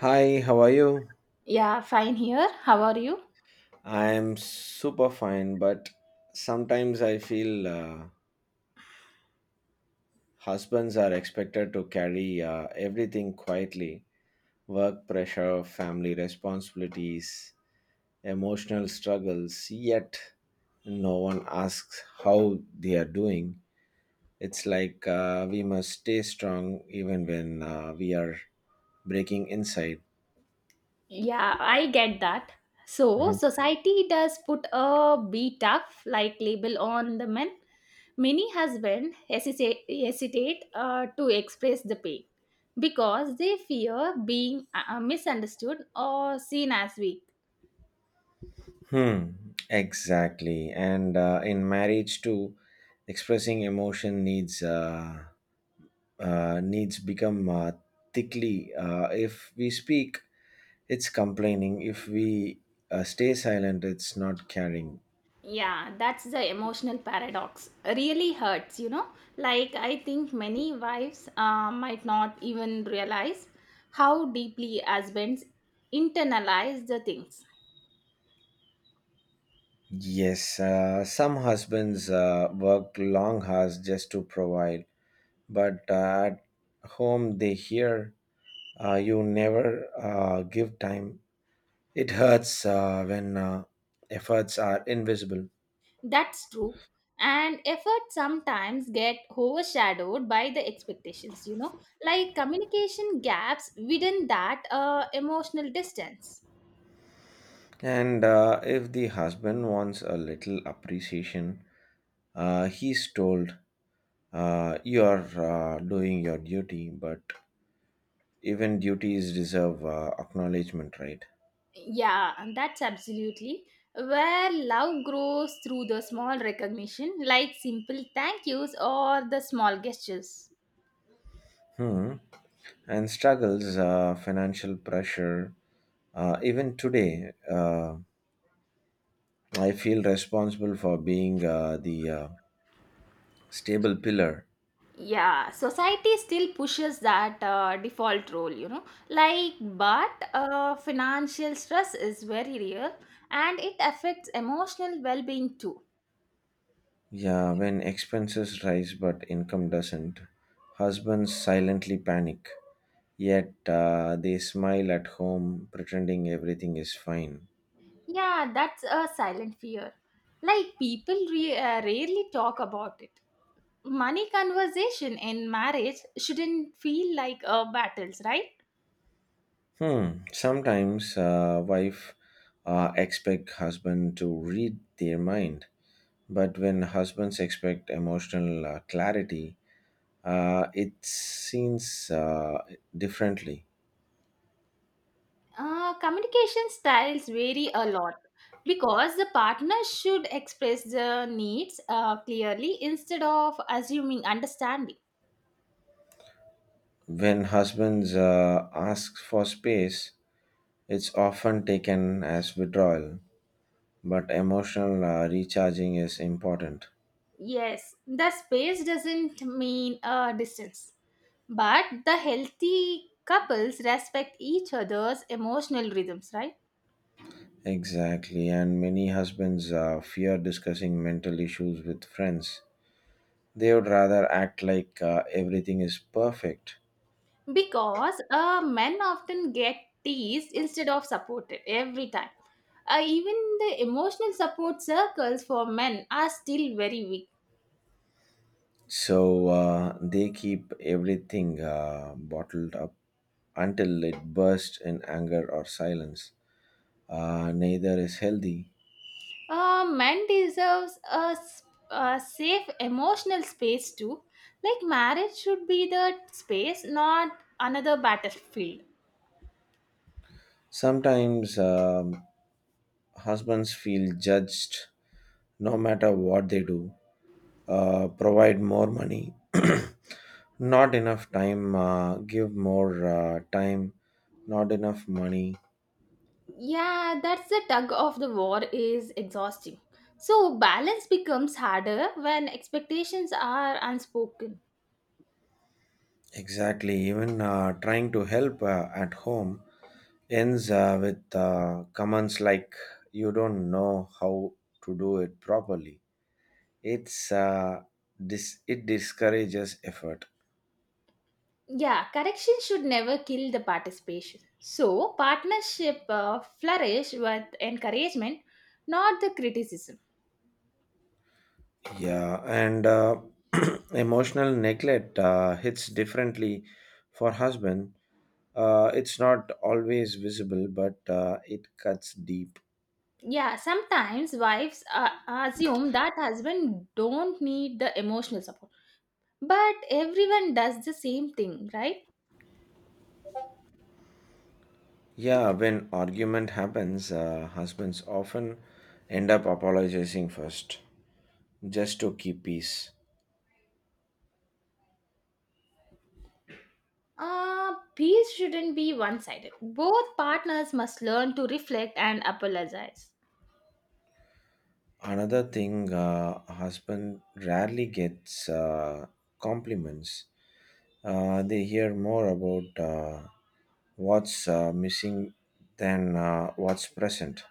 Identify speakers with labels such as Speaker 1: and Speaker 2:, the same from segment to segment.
Speaker 1: Hi, how are you?
Speaker 2: Yeah, fine here. How are you?
Speaker 1: I am super fine, but sometimes I feel husbands are expected to carry everything quietly, work pressure, family responsibilities, emotional struggles, yet no one asks how they are doing. It's like we must stay strong even when we are breaking inside.
Speaker 2: Yeah, I get that. So, society does put a be tough like label on the men. Many husbands hesitate to express the pain because they fear being misunderstood or seen as weak.
Speaker 1: Hmm, exactly. And in marriage too, expressing emotion needs needs become thickly. If we speak, it's complaining. If we stay silent, it's not caring.
Speaker 2: Yeah, that's the emotional paradox. Really hurts. Like, I think many wives might not even realize how deeply husbands internalize the things.
Speaker 1: Yes, some husbands work long hours just to provide, but at home they hear you never give time. It hurts when efforts are invisible.
Speaker 2: That's true. And effort sometimes get overshadowed by the expectations, like communication gaps within that emotional distance.
Speaker 1: And if the husband wants a little appreciation, he's told, you are doing your duty, but even duties deserve acknowledgement, right?
Speaker 2: Yeah, and that's absolutely where love grows through the small recognition, like simple thank yous or the small gestures.
Speaker 1: Hmm. And struggles, financial pressure. Even today, I feel responsible for being the stable pillar.
Speaker 2: Yeah, society still pushes that default role. Like, but financial stress is very real and it affects emotional well being too.
Speaker 1: Yeah, when expenses rise but income doesn't, husbands silently panic. Yet they smile at home, pretending everything is fine.
Speaker 2: Yeah, that's a silent fear. Like, people rarely talk about it. Money conversation in marriage shouldn't feel like battles, right?
Speaker 1: Hmm. Sometimes wife expect husband to read their mind, but when husbands expect emotional clarity, it seems differently.
Speaker 2: Communication styles vary a lot because the partner should express the needs clearly instead of assuming understanding.
Speaker 1: When husbands ask for space, it's often taken as withdrawal, but emotional recharging is important.
Speaker 2: Yes, the space doesn't mean a distance, but the healthy couples respect each other's emotional rhythms, right?
Speaker 1: Exactly, and many husbands fear discussing mental issues with friends. They would rather act like everything is perfect.
Speaker 2: Because men often get teased instead of supported every time. Even the emotional support circles for men are still very weak.
Speaker 1: So they keep everything bottled up until it bursts in anger or silence. Neither is healthy.
Speaker 2: Men deserves a safe emotional space too. Like marriage should be the space, not another battlefield.
Speaker 1: Sometimes husbands feel judged no matter what they do. Provide more money, not enough time; give more time, not enough money.
Speaker 2: Yeah, that's the tug of the war is exhausting. So balance becomes harder when expectations are unspoken.
Speaker 1: Exactly, even trying to help at home ends with comments like, you don't know how to do it properly. it's uh, it discourages effort.
Speaker 2: Yeah, correction should never kill the participation. So, partnership flourish with encouragement, not the criticism.
Speaker 1: Yeah, and emotional neglect hits differently for husband. It's not always visible, but it cuts deep.
Speaker 2: Yeah, sometimes wives assume that husband don't need the emotional support. But everyone does the same thing, right?
Speaker 1: Yeah, when argument happens, husbands often end up apologizing first, just to keep peace.
Speaker 2: Peace shouldn't be one-sided. Both partners must learn to reflect and apologize.
Speaker 1: Another thing, husband rarely gets compliments. They hear more about what's missing than what's present.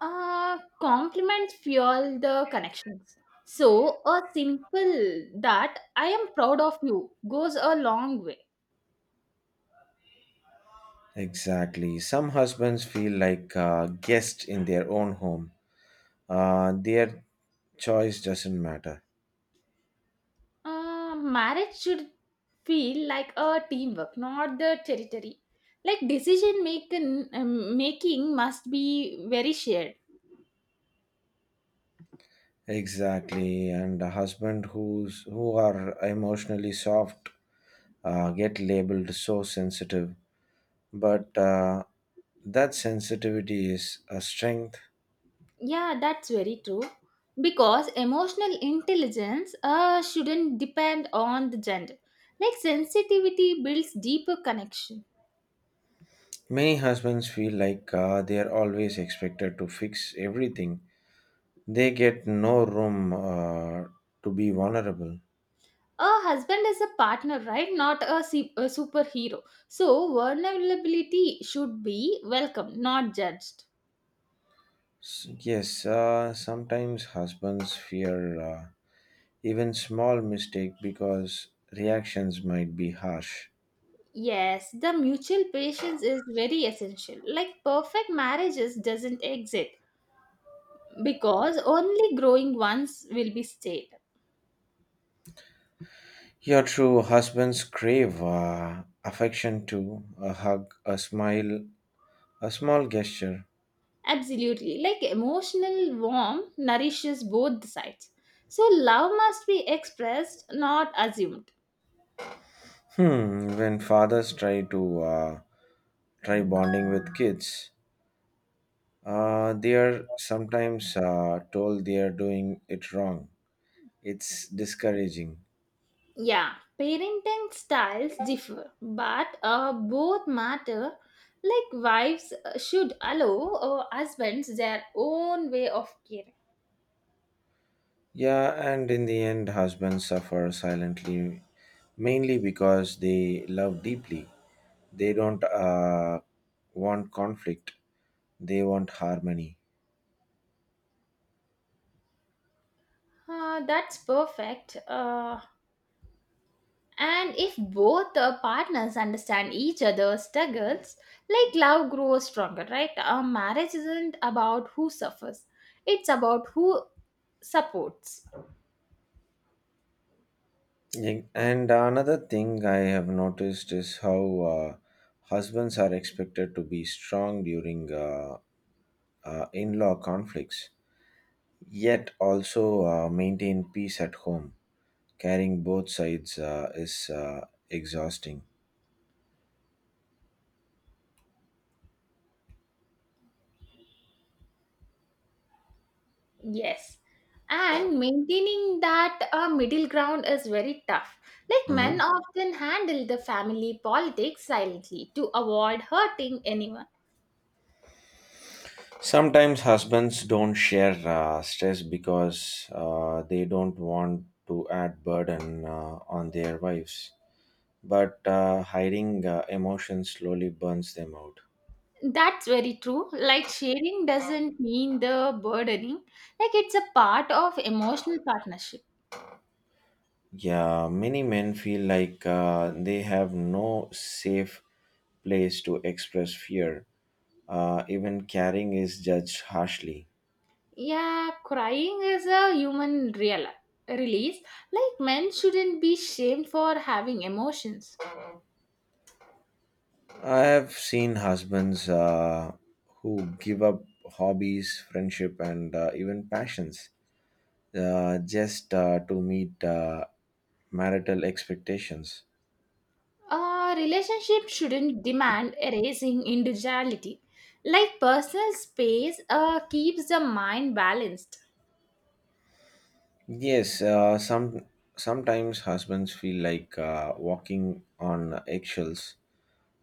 Speaker 2: Compliments fuel the connections. So, a simple that I am proud of you goes a long way.
Speaker 1: Exactly. Some husbands feel like guests in their own home. Their choice doesn't matter.
Speaker 2: Marriage should feel like a teamwork, not the territory. Like decision making must be very shared.
Speaker 1: Exactly. And a husband who are emotionally soft get labeled so sensitive, but that sensitivity is a strength.
Speaker 2: Yeah, that's very true. Because emotional intelligence shouldn't depend on the gender. Like sensitivity builds deeper connection.
Speaker 1: Many husbands feel like they are always expected to fix everything. They get no room to be vulnerable.
Speaker 2: A husband is a partner, right? Not a superhero. So vulnerability should be welcome, not judged.
Speaker 1: Yes, sometimes husbands fear even small mistake because reactions might be harsh.
Speaker 2: Yes, the mutual patience is very essential. Like perfect marriages doesn't exist because only growing ones will be stayed.
Speaker 1: Your true husbands crave affection too, a hug, a smile, a small gesture.
Speaker 2: Absolutely. Like emotional warmth nourishes both the sides. So love must be expressed, not assumed.
Speaker 1: Hmm, when fathers try bonding with kids, they are sometimes told they are doing it wrong. It's discouraging.
Speaker 2: Yeah, parenting styles differ, but both matter. Like wives should allow husbands their own way of caring.
Speaker 1: Yeah, and in the end, husbands suffer silently, mainly because they love deeply. They don't want conflict. They want harmony.
Speaker 2: That's perfect. And if both partners understand each other's struggles, like love grows stronger, right? Marriage isn't about who suffers; it's about who supports.
Speaker 1: Yeah, and another thing I have noticed is how husbands are expected to be strong during in law conflicts, yet also maintain peace at home. Carrying both sides is exhausting.
Speaker 2: Yes. And maintaining that middle ground is very tough. Like men
Speaker 1: Mhm.
Speaker 2: often handle the family politics silently to avoid hurting anyone.
Speaker 1: Sometimes husbands don't share stress because they don't want to add burden on their wives, but hiding emotions slowly burns them out.
Speaker 2: That's very true. Like sharing doesn't mean the burdening, like it's a part of emotional partnership.
Speaker 1: Yeah, many men feel like they have no safe place to express fear. Even caring is judged harshly.
Speaker 2: Yeah, crying is a human real release. Like men shouldn't be shamed for having emotions.
Speaker 1: I have seen husbands who give up hobbies, friendship, and even passions, just to meet marital expectations.
Speaker 2: A relationship shouldn't demand erasing individuality. Like personal space keeps the mind balanced.
Speaker 1: Yes, some sometimes husbands feel like walking on eggshells,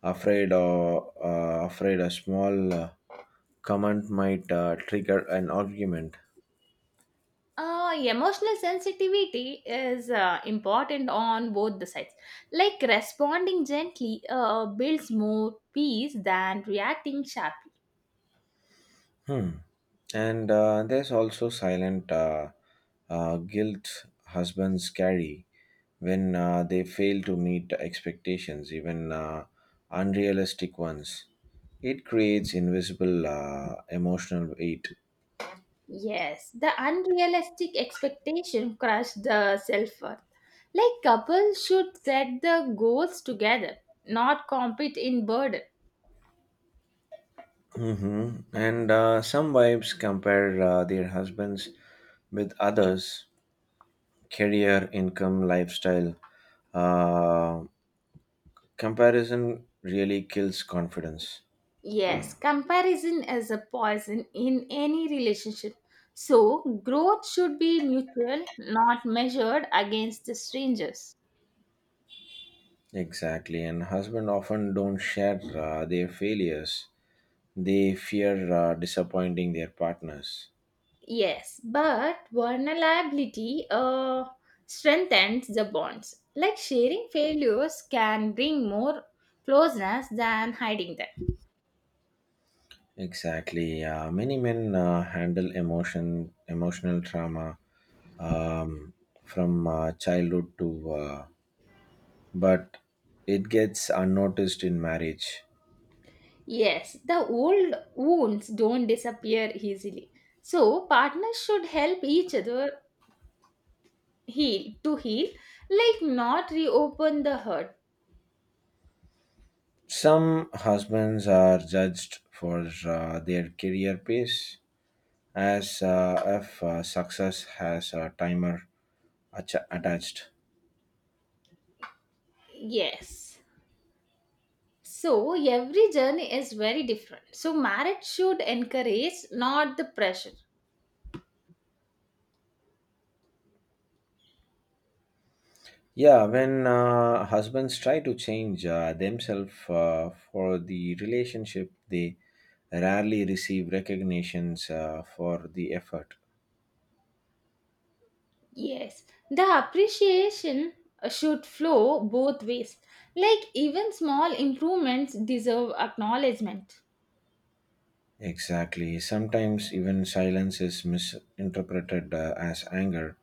Speaker 1: afraid a small comment might trigger an argument.
Speaker 2: Emotional sensitivity is important on both the sides. Like responding gently builds more peace than reacting sharply.
Speaker 1: Hmm. And there's also silent guilt husbands carry when they fail to meet expectations, even unrealistic ones. It creates invisible emotional weight.
Speaker 2: Yes, the unrealistic expectation crush the self worth. Like couples should set the goals together, not compete in burden.
Speaker 1: Hmm. And some wives compare their husbands with others, career, income, lifestyle. Uh, Comparison really kills confidence.
Speaker 2: Yes, comparison is a poison in any relationship. So, growth should be mutual, not measured against the strangers.
Speaker 1: Exactly. And husbands often don't share their failures, they fear disappointing their partners.
Speaker 2: Yes, but vulnerability strengthens the bonds. Like sharing failures can bring more closeness than hiding them.
Speaker 1: Exactly. Many men handle emotional trauma um, from childhood to, but it gets unnoticed in marriage.
Speaker 2: Yes, the old wounds don't disappear easily. So, partners should help each other heal to heal, like not reopen the hurt.
Speaker 1: Some husbands are judged for their career pace as if success has a timer attached.
Speaker 2: Yes, so every journey is very different. So marriage should encourage, not the pressure.
Speaker 1: Yeah, when husbands try to change themselves for the relationship, they rarely receive recognitions for the effort.
Speaker 2: Yes, the appreciation should flow both ways. Like even small improvements deserve acknowledgement.
Speaker 1: Exactly. Sometimes even silence is misinterpreted as anger,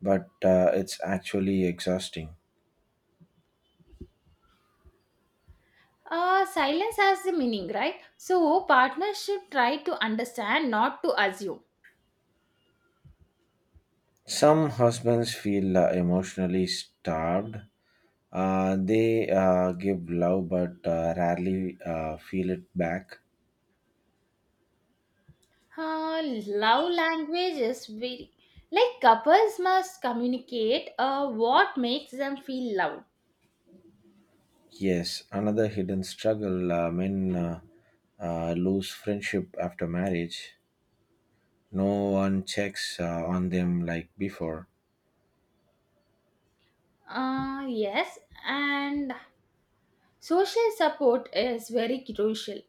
Speaker 1: but it's actually exhausting.
Speaker 2: Silence has the meaning, right? So partners should try to understand, not to assume.
Speaker 1: Some husbands feel emotionally starved. They give love but rarely feel it back.
Speaker 2: Uh, Love language is very. Like couples must communicate what makes them feel loved.
Speaker 1: Yes, another hidden struggle, men lose friendship after marriage. No one checks on them like before.
Speaker 2: Yes, and social support is very crucial.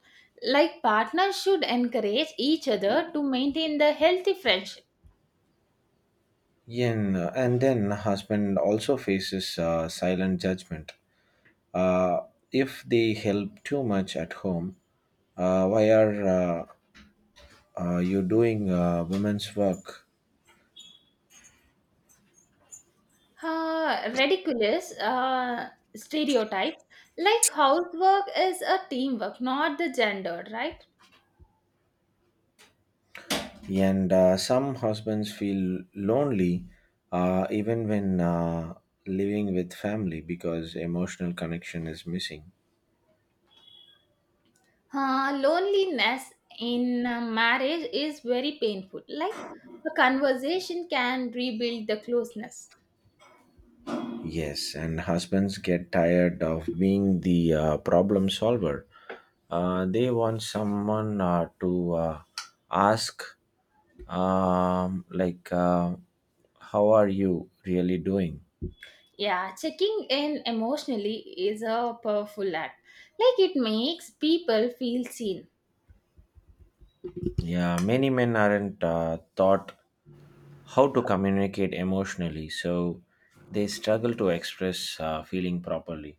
Speaker 2: Like partners should encourage each other to maintain the healthy friendship.
Speaker 1: Yen, and then husband also faces silent judgment. Uh, if they help too much at home, why are you doing women's work?
Speaker 2: Ridiculous stereotypes, like housework is a teamwork, not the gender, right?
Speaker 1: And some husbands feel lonely even when living with family because emotional connection is missing.
Speaker 2: Loneliness in marriage is very painful. Like a conversation can rebuild the closeness.
Speaker 1: Yes, and husbands get tired of being the problem solver. They want someone to ask, like, how are you really doing?
Speaker 2: Yeah, checking in emotionally is a powerful act. Like it makes people feel seen.
Speaker 1: Yeah, many men aren't taught how to communicate emotionally, so they struggle to express feeling properly.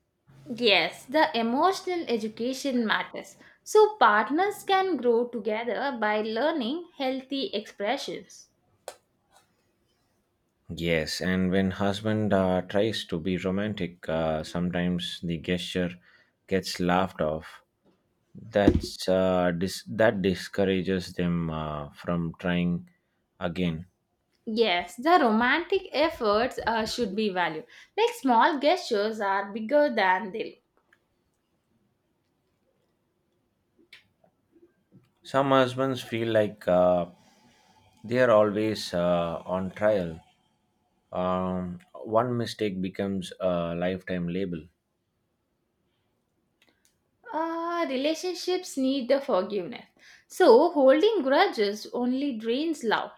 Speaker 2: Yes, the emotional education matters. So partners can grow together by learning healthy expressions.
Speaker 1: Yes, and when husband tries to be romantic, sometimes the gesture gets laughed off. That discourages them from trying again.
Speaker 2: Yes, the romantic efforts should be valued. Like small gestures are bigger than they look.
Speaker 1: Some husbands feel like they are always on trial. One mistake becomes a lifetime label.
Speaker 2: Relationships need the forgiveness. So, holding grudges only drains love.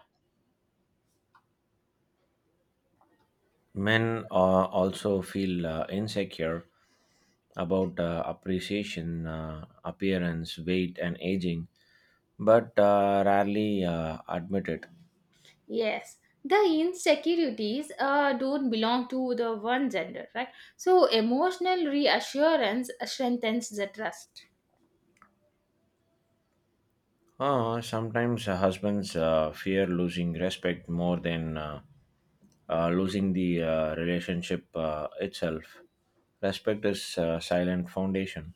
Speaker 1: Men also feel insecure about appreciation, appearance, weight, and aging, but rarely admit it.
Speaker 2: Yes, the insecurities don't belong to the one gender, right? So, emotional reassurance strengthens the trust.
Speaker 1: Sometimes husbands fear losing respect more than losing the relationship itself. Respect is a silent foundation.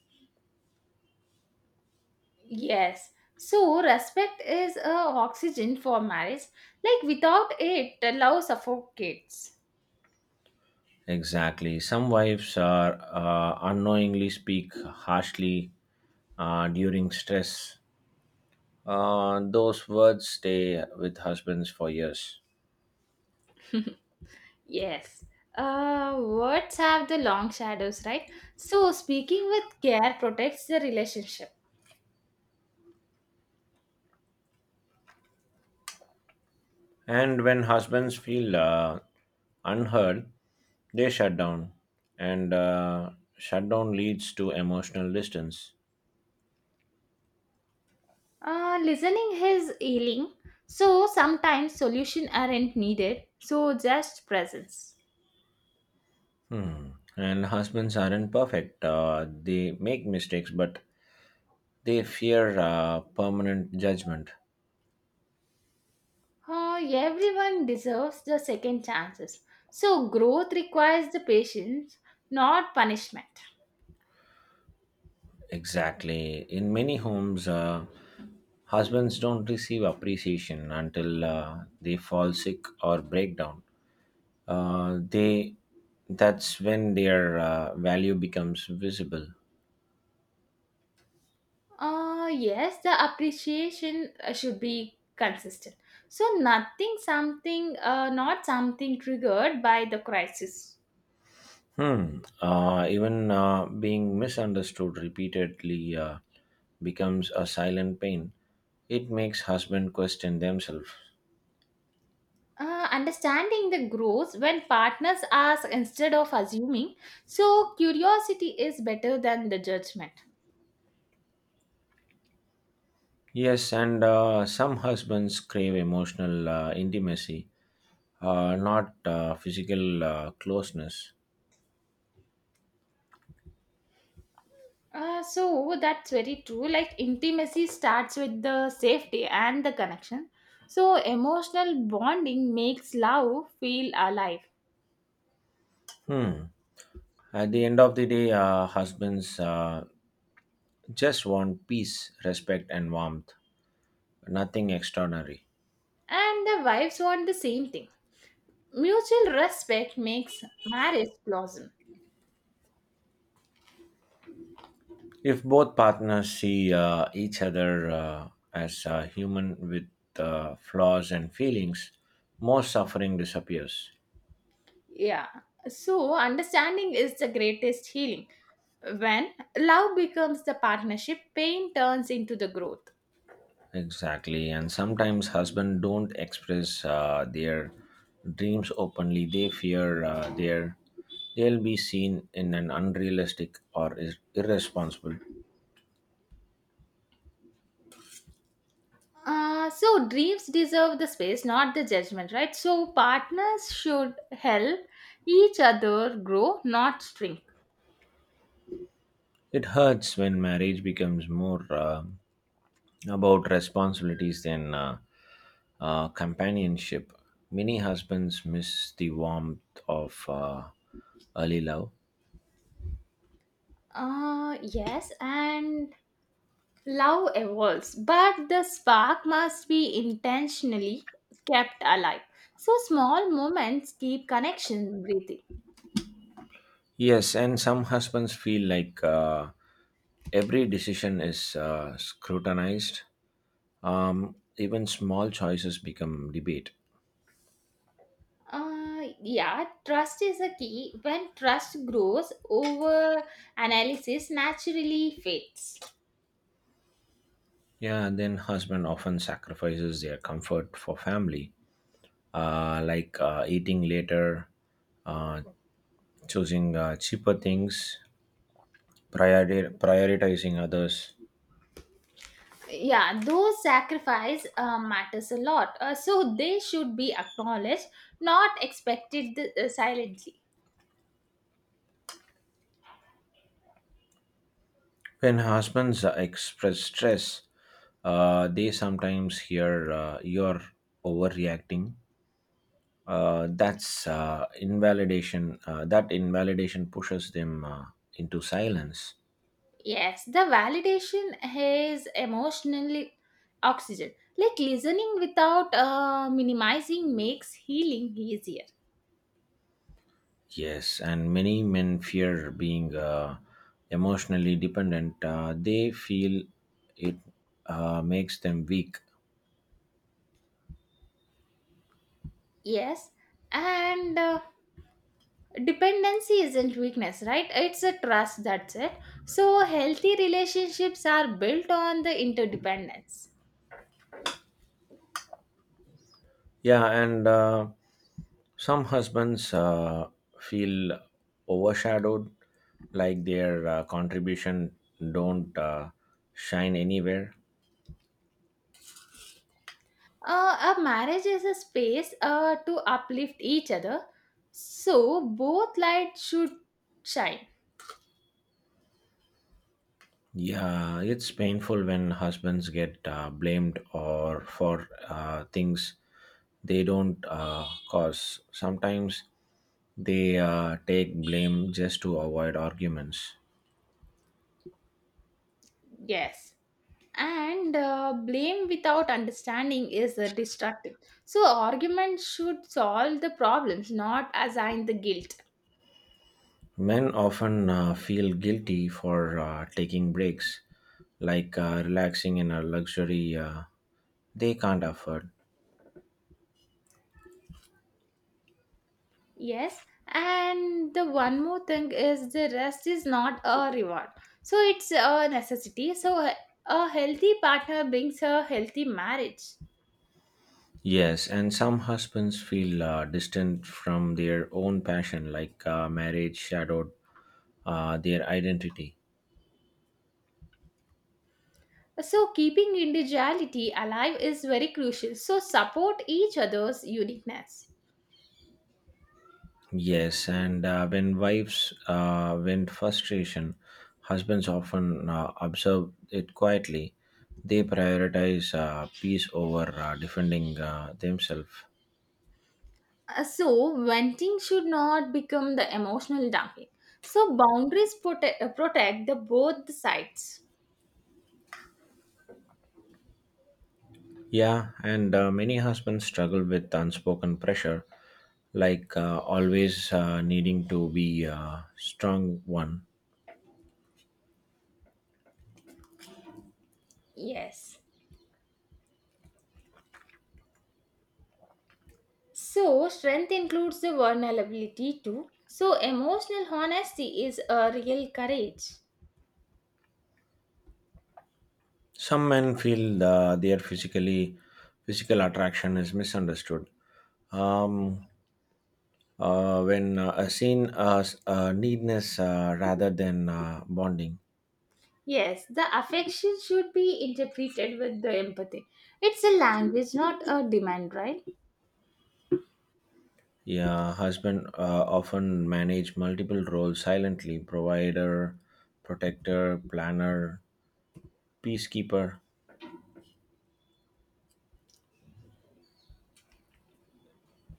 Speaker 2: Yes. So, respect is oxygen for marriage. Like, without it, the love suffocates.
Speaker 1: Exactly. Some wives are unknowingly speak harshly during stress. Those words stay with husbands for years.
Speaker 2: Yes. Words have the long shadows, right? So, speaking with care protects the relationship.
Speaker 1: And when husbands feel unheard, they shut down. And shutdown leads to emotional distance.
Speaker 2: Listening is healing, so sometimes solution aren't needed, so just presence.
Speaker 1: Hmm. And husbands aren't perfect. They make mistakes, but they fear permanent judgment.
Speaker 2: Everyone deserves the second chances, so growth requires the patience, not punishment.
Speaker 1: Exactly. In many homes, husbands don't receive appreciation until they fall sick or break down. They That's when their value becomes visible.
Speaker 2: Yes, the appreciation should be consistent. So nothing, something, not something triggered by the crisis.
Speaker 1: Hmm. Even being misunderstood repeatedly becomes a silent pain. It makes husband question themselves.
Speaker 2: Understanding the grows when partners ask instead of assuming. So, curiosity is better than the judgment.
Speaker 1: Yes, and some husbands crave emotional intimacy, not physical closeness.
Speaker 2: So, that's very true. Like, intimacy starts with the safety and the connection. So, emotional bonding makes love feel alive.
Speaker 1: Hmm. At the end of the day, husbands just want peace, respect, and warmth, nothing extraordinary.
Speaker 2: And the wives want the same thing. Mutual respect makes marriage blossom.
Speaker 1: If both partners see each other as a human with flaws and feelings, more suffering disappears.
Speaker 2: Yeah. So, understanding is the greatest healing. When love becomes the partnership, pain turns into the growth.
Speaker 1: Exactly, and sometimes husbands don't express their dreams openly. They fear their they'll be seen in an unrealistic or is irresponsible.
Speaker 2: So, dreams deserve the space, not the judgment, right? So, partners should help each other grow, not shrink.
Speaker 1: It hurts when marriage becomes more about responsibilities than companionship. Many husbands miss the warmth of early love.
Speaker 2: Yes, and love evolves, but the spark must be intentionally kept alive. So, small moments keep connection breathing.
Speaker 1: Yes, and some husbands feel like every decision is scrutinized. Even small choices become debate.
Speaker 2: Yeah, trust is a key. When trust grows, over analysis naturally fades.
Speaker 1: Yeah, and then husband often sacrifices their comfort for family, like eating later, uh, choosing cheaper things, prioritizing others.
Speaker 2: Yeah, those sacrifice matters a lot. So they should be acknowledged, not expected silently.
Speaker 1: When husbands express stress, they sometimes hear, you're overreacting. That's invalidation. That invalidation pushes them into silence.
Speaker 2: Yes, the validation is emotionally oxygen. Like listening without minimizing makes healing easier.
Speaker 1: Yes, and many men fear being emotionally dependent. They feel it makes them weak.
Speaker 2: Yes, and dependency isn't weakness, right? It's a trust, that's it. So healthy relationships are built on the interdependence.
Speaker 1: Yeah, and some husbands feel overshadowed, like their contribution don't shine anywhere.
Speaker 2: A marriage is a space to uplift each other. So both lights should shine.
Speaker 1: Yeah, it's painful when husbands get blamed or for things they don't cause. Sometimes they take blame just to avoid arguments.
Speaker 2: Yes, and blame without understanding is destructive. So arguments should solve the problems, not assign the guilt.
Speaker 1: Men often feel guilty for taking breaks, like relaxing in a luxury they can't afford.
Speaker 2: Yes, and the one more thing is the rest is not a reward. So it's a necessity. So a healthy partner brings a healthy marriage.
Speaker 1: Yes, and some husbands feel distant from their own passion, like marriage shadowed their identity.
Speaker 2: So keeping individuality alive is very crucial. So support each other's uniqueness.
Speaker 1: Yes, and when wives vent frustration, husbands often observe it quietly. They prioritize peace over defending themselves.
Speaker 2: So venting should not become the emotional dumping. So boundaries protect the both the sides.
Speaker 1: Yeah, and many husbands struggle with unspoken pressure, like always needing to be a strong one.
Speaker 2: Yes. So strength includes the vulnerability too. So emotional honesty is a real courage.
Speaker 1: Some men feel their physical attraction is misunderstood. Um, when seen as needness rather than bonding.
Speaker 2: Yes, the affection should be interpreted with the empathy. It's a language, not a demand, right?
Speaker 1: Yeah, husband often manage multiple roles silently: provider, protector, planner, peacekeeper.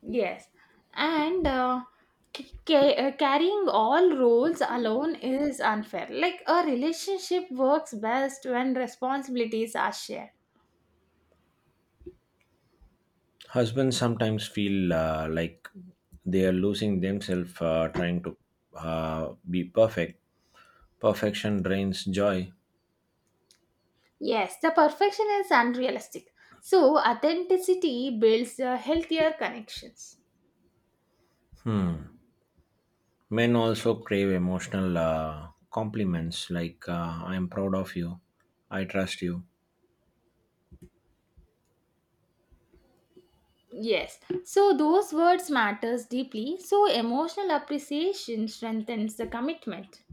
Speaker 2: Yes, and carrying all roles alone is unfair. Like a relationship works best when responsibilities are shared.
Speaker 1: Husbands sometimes feel like they are losing themselves trying to be perfect. Perfection drains joy.
Speaker 2: Yes, the perfection is unrealistic. So, authenticity builds healthier connections.
Speaker 1: Men also crave emotional compliments like, "I'm proud of you," "I trust you."
Speaker 2: Yes, so those words matters deeply. So, emotional appreciation strengthens the commitment.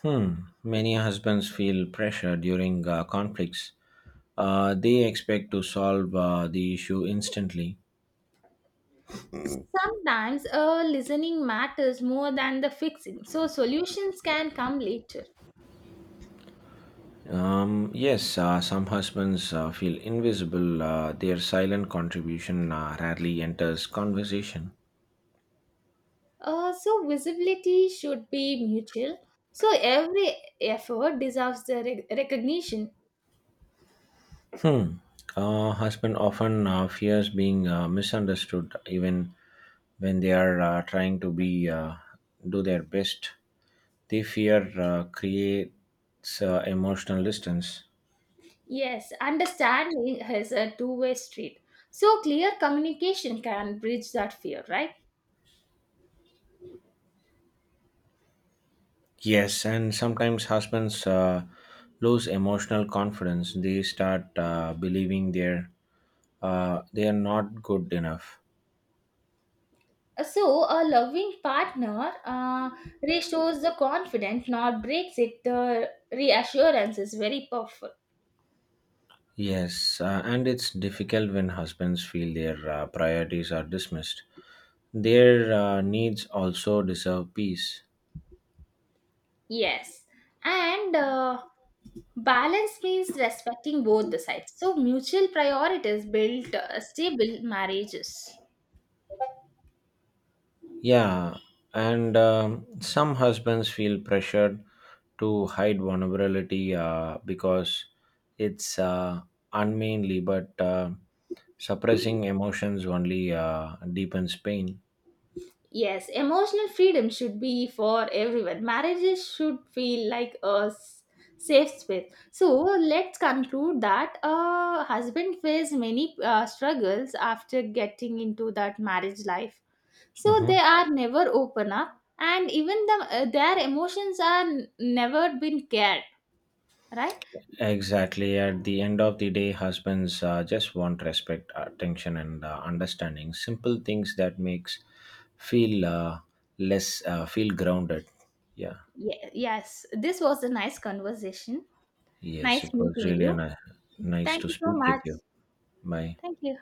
Speaker 1: Hmm. Many husbands feel pressure during conflicts. They expect to solve the issue instantly.
Speaker 2: Sometimes listening matters more than the fixing. So, solutions can come later.
Speaker 1: Yes, some husbands feel invisible. Their silent contribution rarely enters conversation.
Speaker 2: So visibility should be mutual. So every effort deserves the recognition.
Speaker 1: Hmm. Husband often fears being misunderstood, even when they are trying to be do their best. They fear creates emotional distance.
Speaker 2: Yes, understanding is a two-way street. So clear communication can bridge that fear, right?
Speaker 1: Yes, and sometimes husbands lose emotional confidence. They start believing they are not good enough.
Speaker 2: So a loving partner restores the confidence, not breaks it. The reassurance is very powerful.
Speaker 1: Yes, and it's difficult when husbands feel their priorities are dismissed. Their needs also deserve peace.
Speaker 2: Yes. And balance means respecting both the sides. So mutual priorities build stable marriages.
Speaker 1: Yeah, and some husbands feel pressured to hide vulnerability because it's unmanly, but suppressing emotions only deepens pain.
Speaker 2: Yes, emotional freedom should be for everyone. Marriages should feel like a safe space. So let's conclude that a husband face many struggles after getting into that marriage life. So they
Speaker 1: Mhm.
Speaker 2: are never open up, and even their emotions are never been cared. Right?
Speaker 1: Exactly. At the end of the day, husbands just want respect, attention, and understanding. Simple things that makes feel less feel grounded. Yeah.
Speaker 2: Yes, this was a nice conversation.
Speaker 1: Yes,
Speaker 2: Nice
Speaker 1: it was
Speaker 2: meeting
Speaker 1: really
Speaker 2: you.
Speaker 1: nice
Speaker 2: Thank
Speaker 1: to
Speaker 2: you so
Speaker 1: speak
Speaker 2: much.
Speaker 1: with you. Bye.
Speaker 2: Thank you.